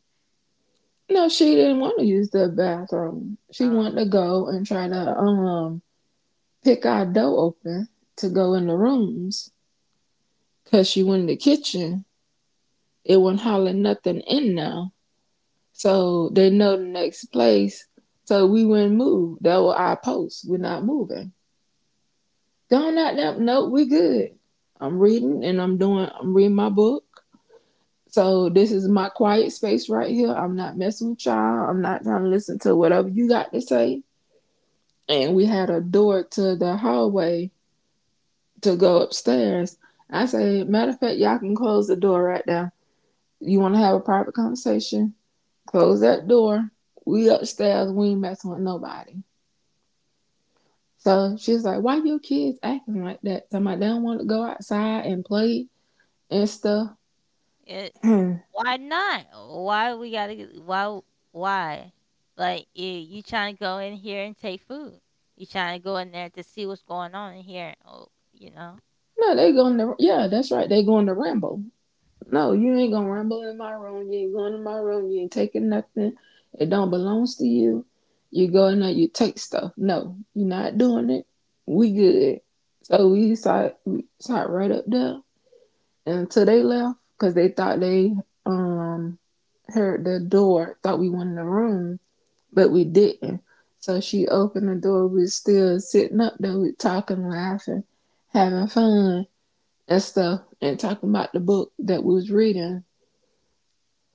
No, she didn't want to use the bathroom. She Um, wanted to go and try to um pick our door open to go in the rooms because she went in the kitchen. It wasn't hauling nothing in now. So they know the next place. So we wouldn't move. That was our post. We're not moving. "Don't not that no, we good. I'm reading and I'm doing, I'm reading my book. So this is my quiet space right here. I'm not messing with y'all. I'm not trying to listen to whatever you got to say." And we had a door to the hallway to go upstairs. I said, "Matter of fact, y'all can close the door right now. You want to have a private conversation? Close that door. We upstairs. We ain't messing with nobody." So she's like, "Why your kids acting like that?" So I'm like, "They don't want to go outside and play and stuff." it, [CLEARS THROAT] No, why not? Why we gotta? Get- Why? Why? Like you, you trying to go in here and take food? You trying to go in there to see what's going on in here? Oh, you know, they going to— yeah, that's right. They going to ramble. "No, you ain't gonna rumble in my room. You ain't going in my room. You ain't taking nothing. It don't belongs to you. You go in there, you take stuff. No, you're not doing it. We good." So we sat, we sat right up there until they left because they thought they um heard the door, thought we went in the room, but we didn't. So she opened the door. We was still sitting up there, we talking, laughing, having fun and stuff, and talking about the book that we was reading,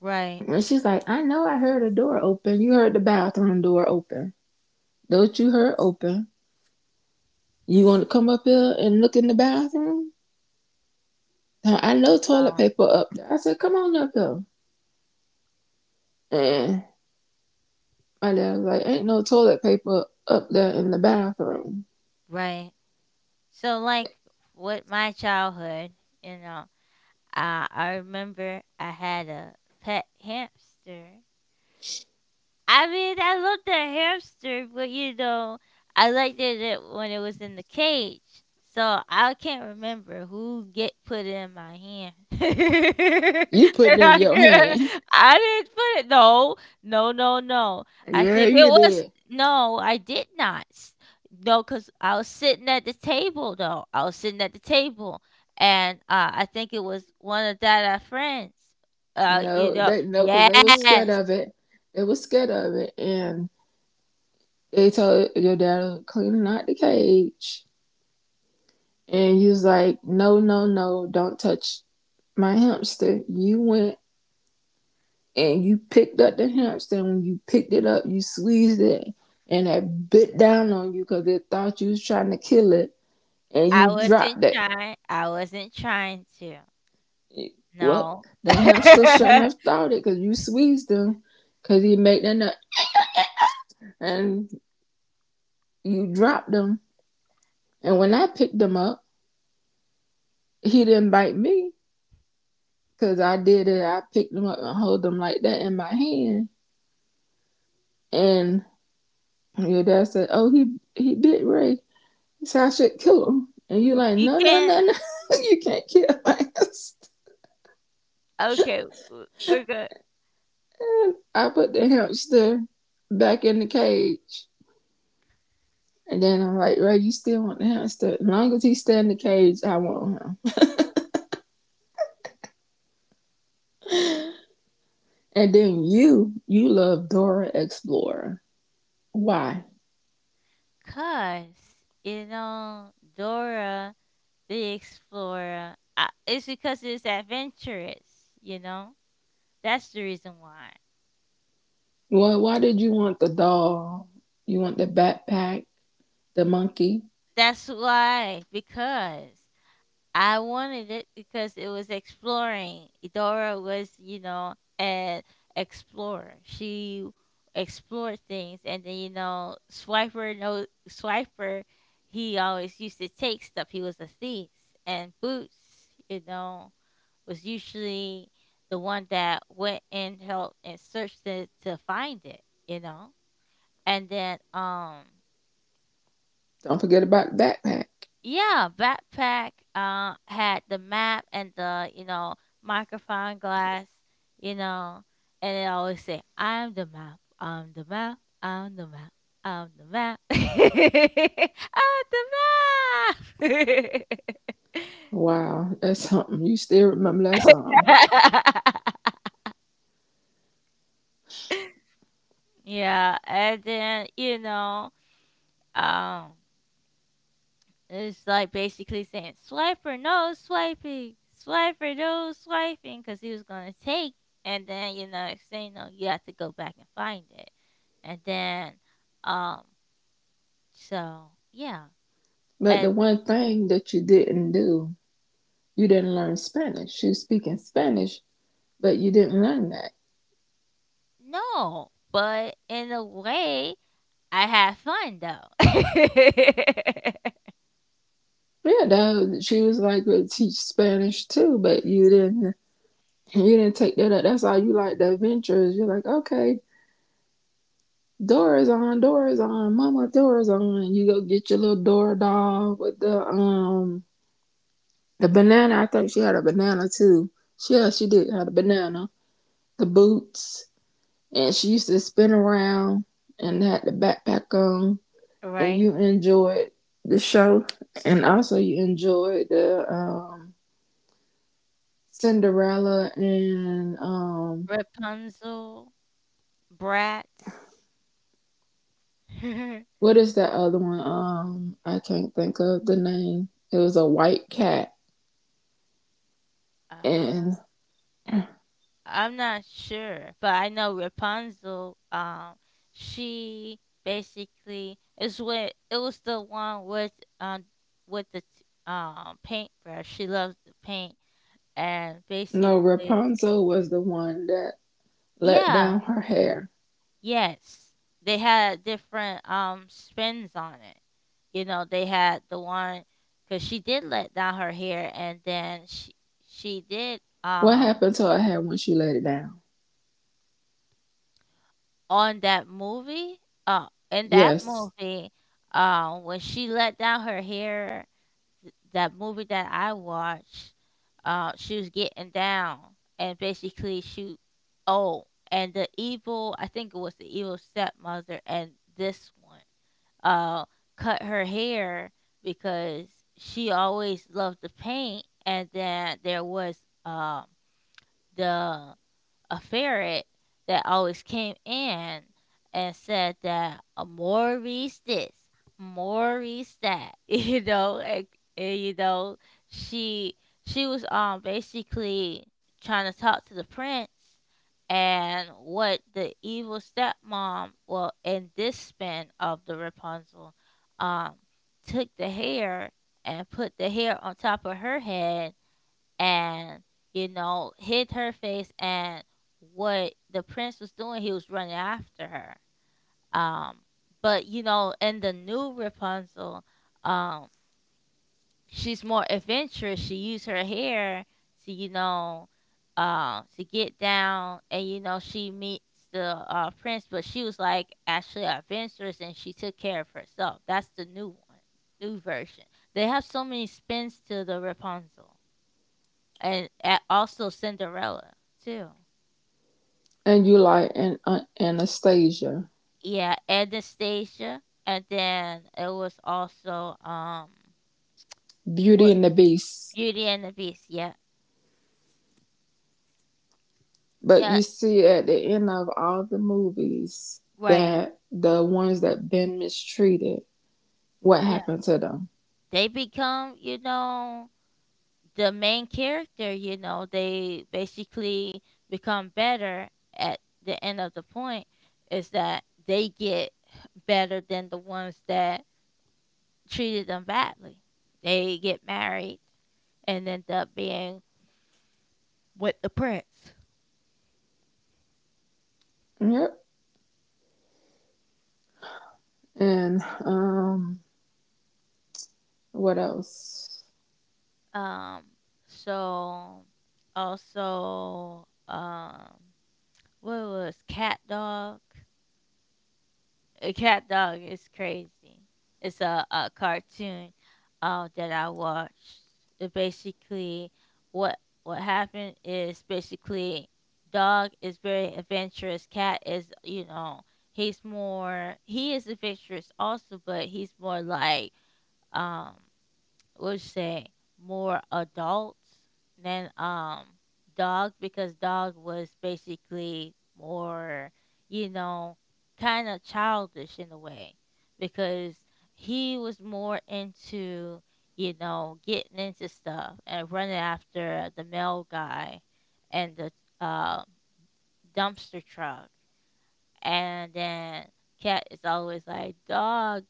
right. and she's like, "I know I heard a door open. You heard the bathroom door open. Don't you heard open? You want to come up here and look in the bathroom? Now, I know toilet um, paper up there. I said, come on up here." And my dad was like, "Ain't no toilet paper up there in the bathroom." right. So, like with my childhood, you know, uh, I remember I had a pet hamster. I mean, I love the hamster, but you know, I liked it it- when it was in the cage. So I can't remember who get put it in my hand. [LAUGHS] You put it in I your can't. hand. I didn't put it. No, no, no, no. [LAUGHS] I Yeah, think it you was. did. No, I did not. s- No, because I was sitting at the table though. I was sitting at the table, and uh, I think it was one of that our friends. Uh, you No, know, they— no, cause they was scared yes, of it. They was scared of it, and they told your dad to clean out the cage. And he was like, "No, no, no, don't touch my hamster," you went and you picked up the hamster. And when you picked it up, you squeezed it and it bit down on you because it thought you was trying to kill it and I you wasn't dropped it. trying I wasn't trying to. Well, No. the hamster shouldn't have [LAUGHS] thought it because you squeezed him because he made that nut and you dropped him. And when I picked him up, he didn't bite me because I did it. I picked him up and hold him like that in my hand. And your dad said, "Oh, he, he bit Ray." He said, "I should kill him." And you like, You "No, no, can't, no, no." [LAUGHS] You can't kill hamster. [LAUGHS] okay, w we're good. I put the hamster back in the cage. And then I'm like, "Ray, you still want the hamster?" "As long as he stay in the cage, I want him." And then you, you love Dora Explorer. Why? 'Cause you know, Dora the Explorer, uh, it's because it's adventurous, you know? That's the reason why. Well, why did you want the doll? You want the backpack, the monkey. That's why, because I wanted it because it was exploring. Idora was, you know, an explorer. She explored things, and then you know, Swiper, no Swiper, he always used to take stuff. He was a thief, and Boots, you know, was usually the one that went and helped and searched it to find it, you know, and then um. Don't forget about the backpack. Yeah, backpack uh had the map and the, you know, microphone glass, you know, and it always say, I'm the map, I'm the map, I'm the map, I'm the map. [LAUGHS] I'm the Wow, that's something. You still remember that song. map. [LAUGHS] Yeah, and then, you know, um. It's like basically saying, swipe or no swiping, swipe or no swiping, because he was going to take. And then, you know, saying no, you have to go back and find it. And then, um, so yeah. But the And one thing that you didn't do— you didn't learn Spanish. You was speaking Spanish, but you didn't learn that. no, but in a way, I had fun though. Yeah, though she was like to teach Spanish too, but you didn't. You didn't take that up. That's how you like the adventures. You're like, "Okay, Dora's on, Dora's on, Mama Dora's on." You go get your little Dora doll with the um the banana. I think she had a banana too. She— yeah, she did have a banana, the boots, and she used to spin around and had the backpack on. [LAUGHS] And Right? you enjoyed the show, and also you enjoyed the um, Cinderella and um, Rapunzel, brats. [LAUGHS] what is that other one? Um, I can't think of the name. It was a white cat, Uh, and— I'm not sure, but I know Rapunzel. Um, she basically is with it was the one with um with the t- um paintbrush. She loves to paint, and no, basically, Rapunzel was the one that let yeah, down her hair. yes, they had different um spins on it. You know, they had the one because she did let down her hair, and then she she did What um happened to her hair when she let it down? on that movie, uh, in that Yes, movie, uh, when she let down her hair, th- that movie that I watched, uh, she was getting down and basically she, oh, and the evil, I think it was the evil stepmother and this one, uh, cut her hair because she always loved to paint, and then there was um the a ferret that always came in and said that a Maurice this, Maurice that, [LAUGHS] you know, and, and you know, she she was um basically trying to talk to the prince. And what the evil stepmom, well, in this spin of the Rapunzel, um, took the hair and put the hair on top of her head, and you know, hit her face. And what the prince was doing, he was running after her. Um, but you know, in the new Rapunzel, um, she's more adventurous. She used her hair to, you know, uh, to get down, and you know, she meets the uh, prince, but she was like actually adventurous and she took care of herself. That's the new one, new version. They have so many spins to the Rapunzel and a also Cinderella too. and you like an, uh, Anastasia, Yeah, Anastasia, and then it was also um Beauty what and the Beast. Beauty and the Beast. Yeah, But yeah, you see at the end of all the movies, right. that the ones that been mistreated, what Yeah, happened to them? they become, you know, the main character. You know, they basically become better. At the end of the point is that they get better than the ones that treated them badly. They get married and end up being with the prince. Yep. And um what else? Um, so also, um, what was Cat Dog? Uh, Cat Dog is crazy. It's a, a cartoon uh, that I watched. It basically, what what happened is basically, dog is very adventurous. Cat is, you know, he's more he is adventurous also, but he's more like um. Would say more adults than um dog, because dog was basically more, you know, kind of childish in a way because he was more into, you know, getting into stuff and running after the male guy and the uh, dumpster truck. And then cat is always like, dog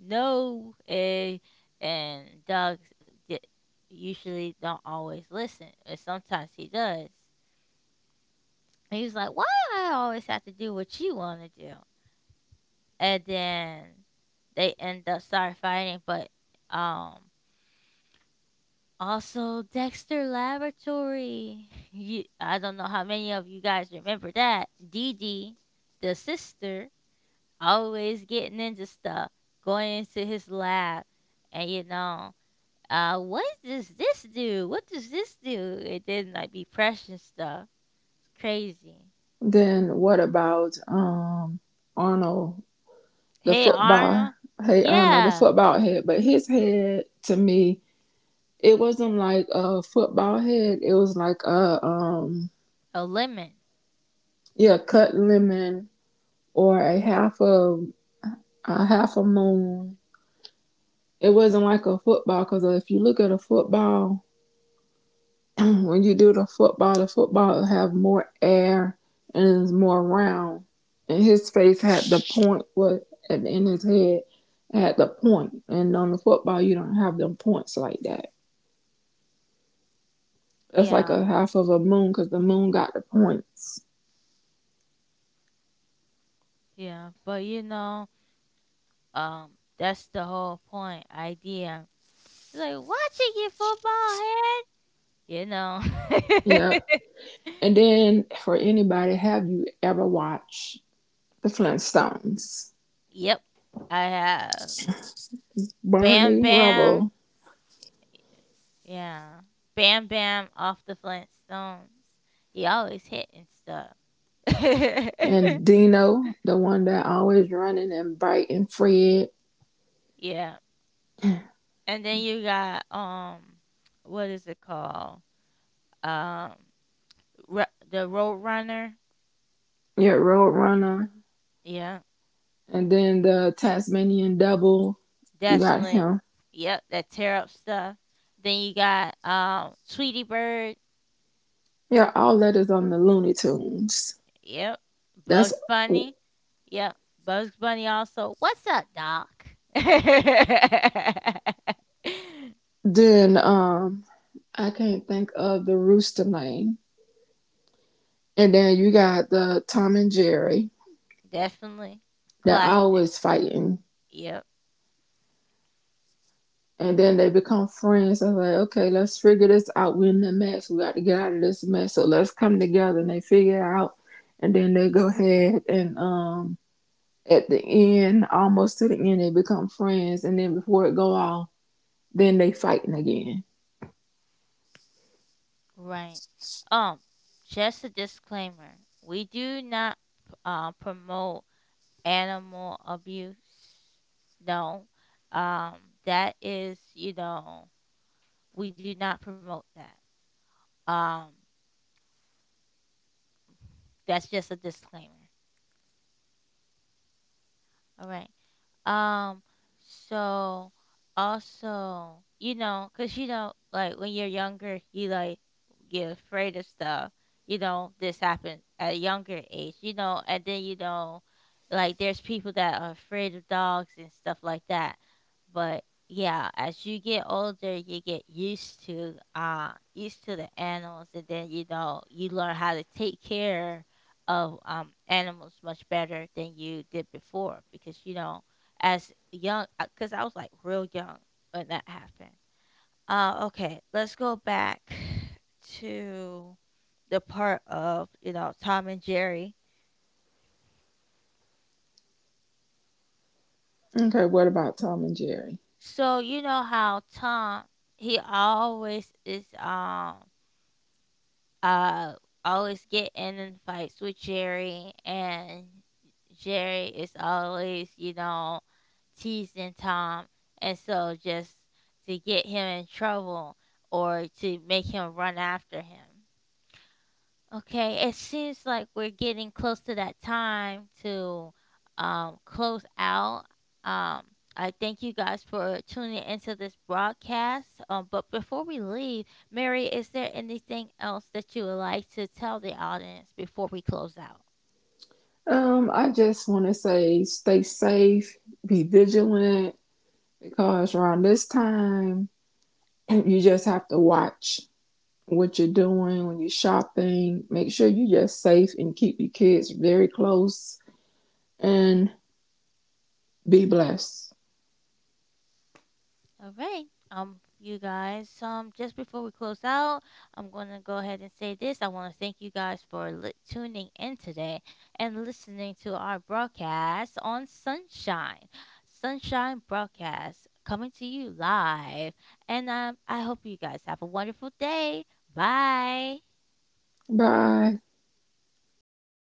no eh, and dogs di- usually don't always listen, and sometimes he does, and he's like, why I always have to do what you want to do? And then they end up start fighting. But um, also dexter laboratory. [LAUGHS] You, I don't know how many of you guys remember that, Dee Dee, the sister, always getting into stuff, going into his lab, and you know, uh, what does this do? What does this do? It didn't like be pressing stuff. It's crazy. Then what about um Arnold the Hey football— Arnold. hey Arnold the Yeah. football head, but his head to me, it wasn't like a football head, it was like a um A limit. yeah, cut lemon or a half of a half a moon. It wasn't like a football because if you look at a football, [CLEARS THROAT] when you do the football, the football have more air and is more round. And his face had the point— what at the end his head had the point, and on the football you don't have them points like that. That's like Yeah. a half of a moon because the moon got the points. Yeah. But you know, um, that's the whole point, idea. Like watching your football head. You know. Yeah. And [LAUGHS] then for anybody, have you ever watched the Flintstones? Yep. I have. Bam Barney Bam. Rubble Yeah. Bam Bam off the Flintstones. He always hitting stuff. and [LAUGHS] Dino, the one that always running and biting Fred, Yeah. And then you got um what is it called? Um Ru- the Road Runner. your Roadrunner, Yeah. and then the Tasmanian Devil. You got Definitely. him. Yep, that tear up stuff. Then you got um Tweety Bird. Yeah, all letters on the Looney Tunes. Yep. That's— Bugs Bunny. Yep. Bugs Bunny also. What's up, Doc? [LAUGHS] then. Um, I can't think of the rooster name. And then you got the Tom and Jerry. Definitely. They're Classic. always fighting Yep. and then they become friends. I was like, "Okay, let's figure this out. We're in the mess. We got to get out of this mess. So let's come together." And they figure it out. And then they go ahead and um at the end, almost to the end, they become friends. And then before it go on, then they fighting again. Right. Um, just a disclaimer. We do not uh, promote animal abuse. No. Um, that is, you know, we do not promote that. Um, that's just a disclaimer. All right. Um, so also, you know, 'cause you know, like when you're younger, you like get afraid of stuff. You know, this happened at a younger age. You know, and then you know, like there's people that are afraid of dogs and stuff like that. But yeah, as you get older, you get used to uh used to the animals, and then you know, you learn how to take care of um animals much better than you did before because you know, as young, because I was like real young when that happened. Uh, okay, let's go back to the part of, you know, Tom and Jerry. Okay, what about Tom and Jerry? So you know how Tom, he always is um uh always getting in fights with Jerry, and Jerry is always, you know, teasing Tom, and so just to get him in trouble or to make him run after him. Okay, it seems like we're getting close to that time to, um, close out. Um, I thank you guys for tuning into this broadcast. Um, but before we leave, Mary, is there anything else that you would like to tell the audience before we close out? Um, I just want to say stay safe, be vigilant, because around this time you just have to watch what you're doing when you're shopping. Make sure you are just safe and keep your kids very close and be blessed. All right. Um, you guys, um, just before we close out, I'm going to go ahead and say this. I want to thank you guys for li- tuning in today and listening to our broadcast on Sunshine. Sunshine broadcast coming to you live. And um, I hope you guys have a wonderful day. Bye. Bye.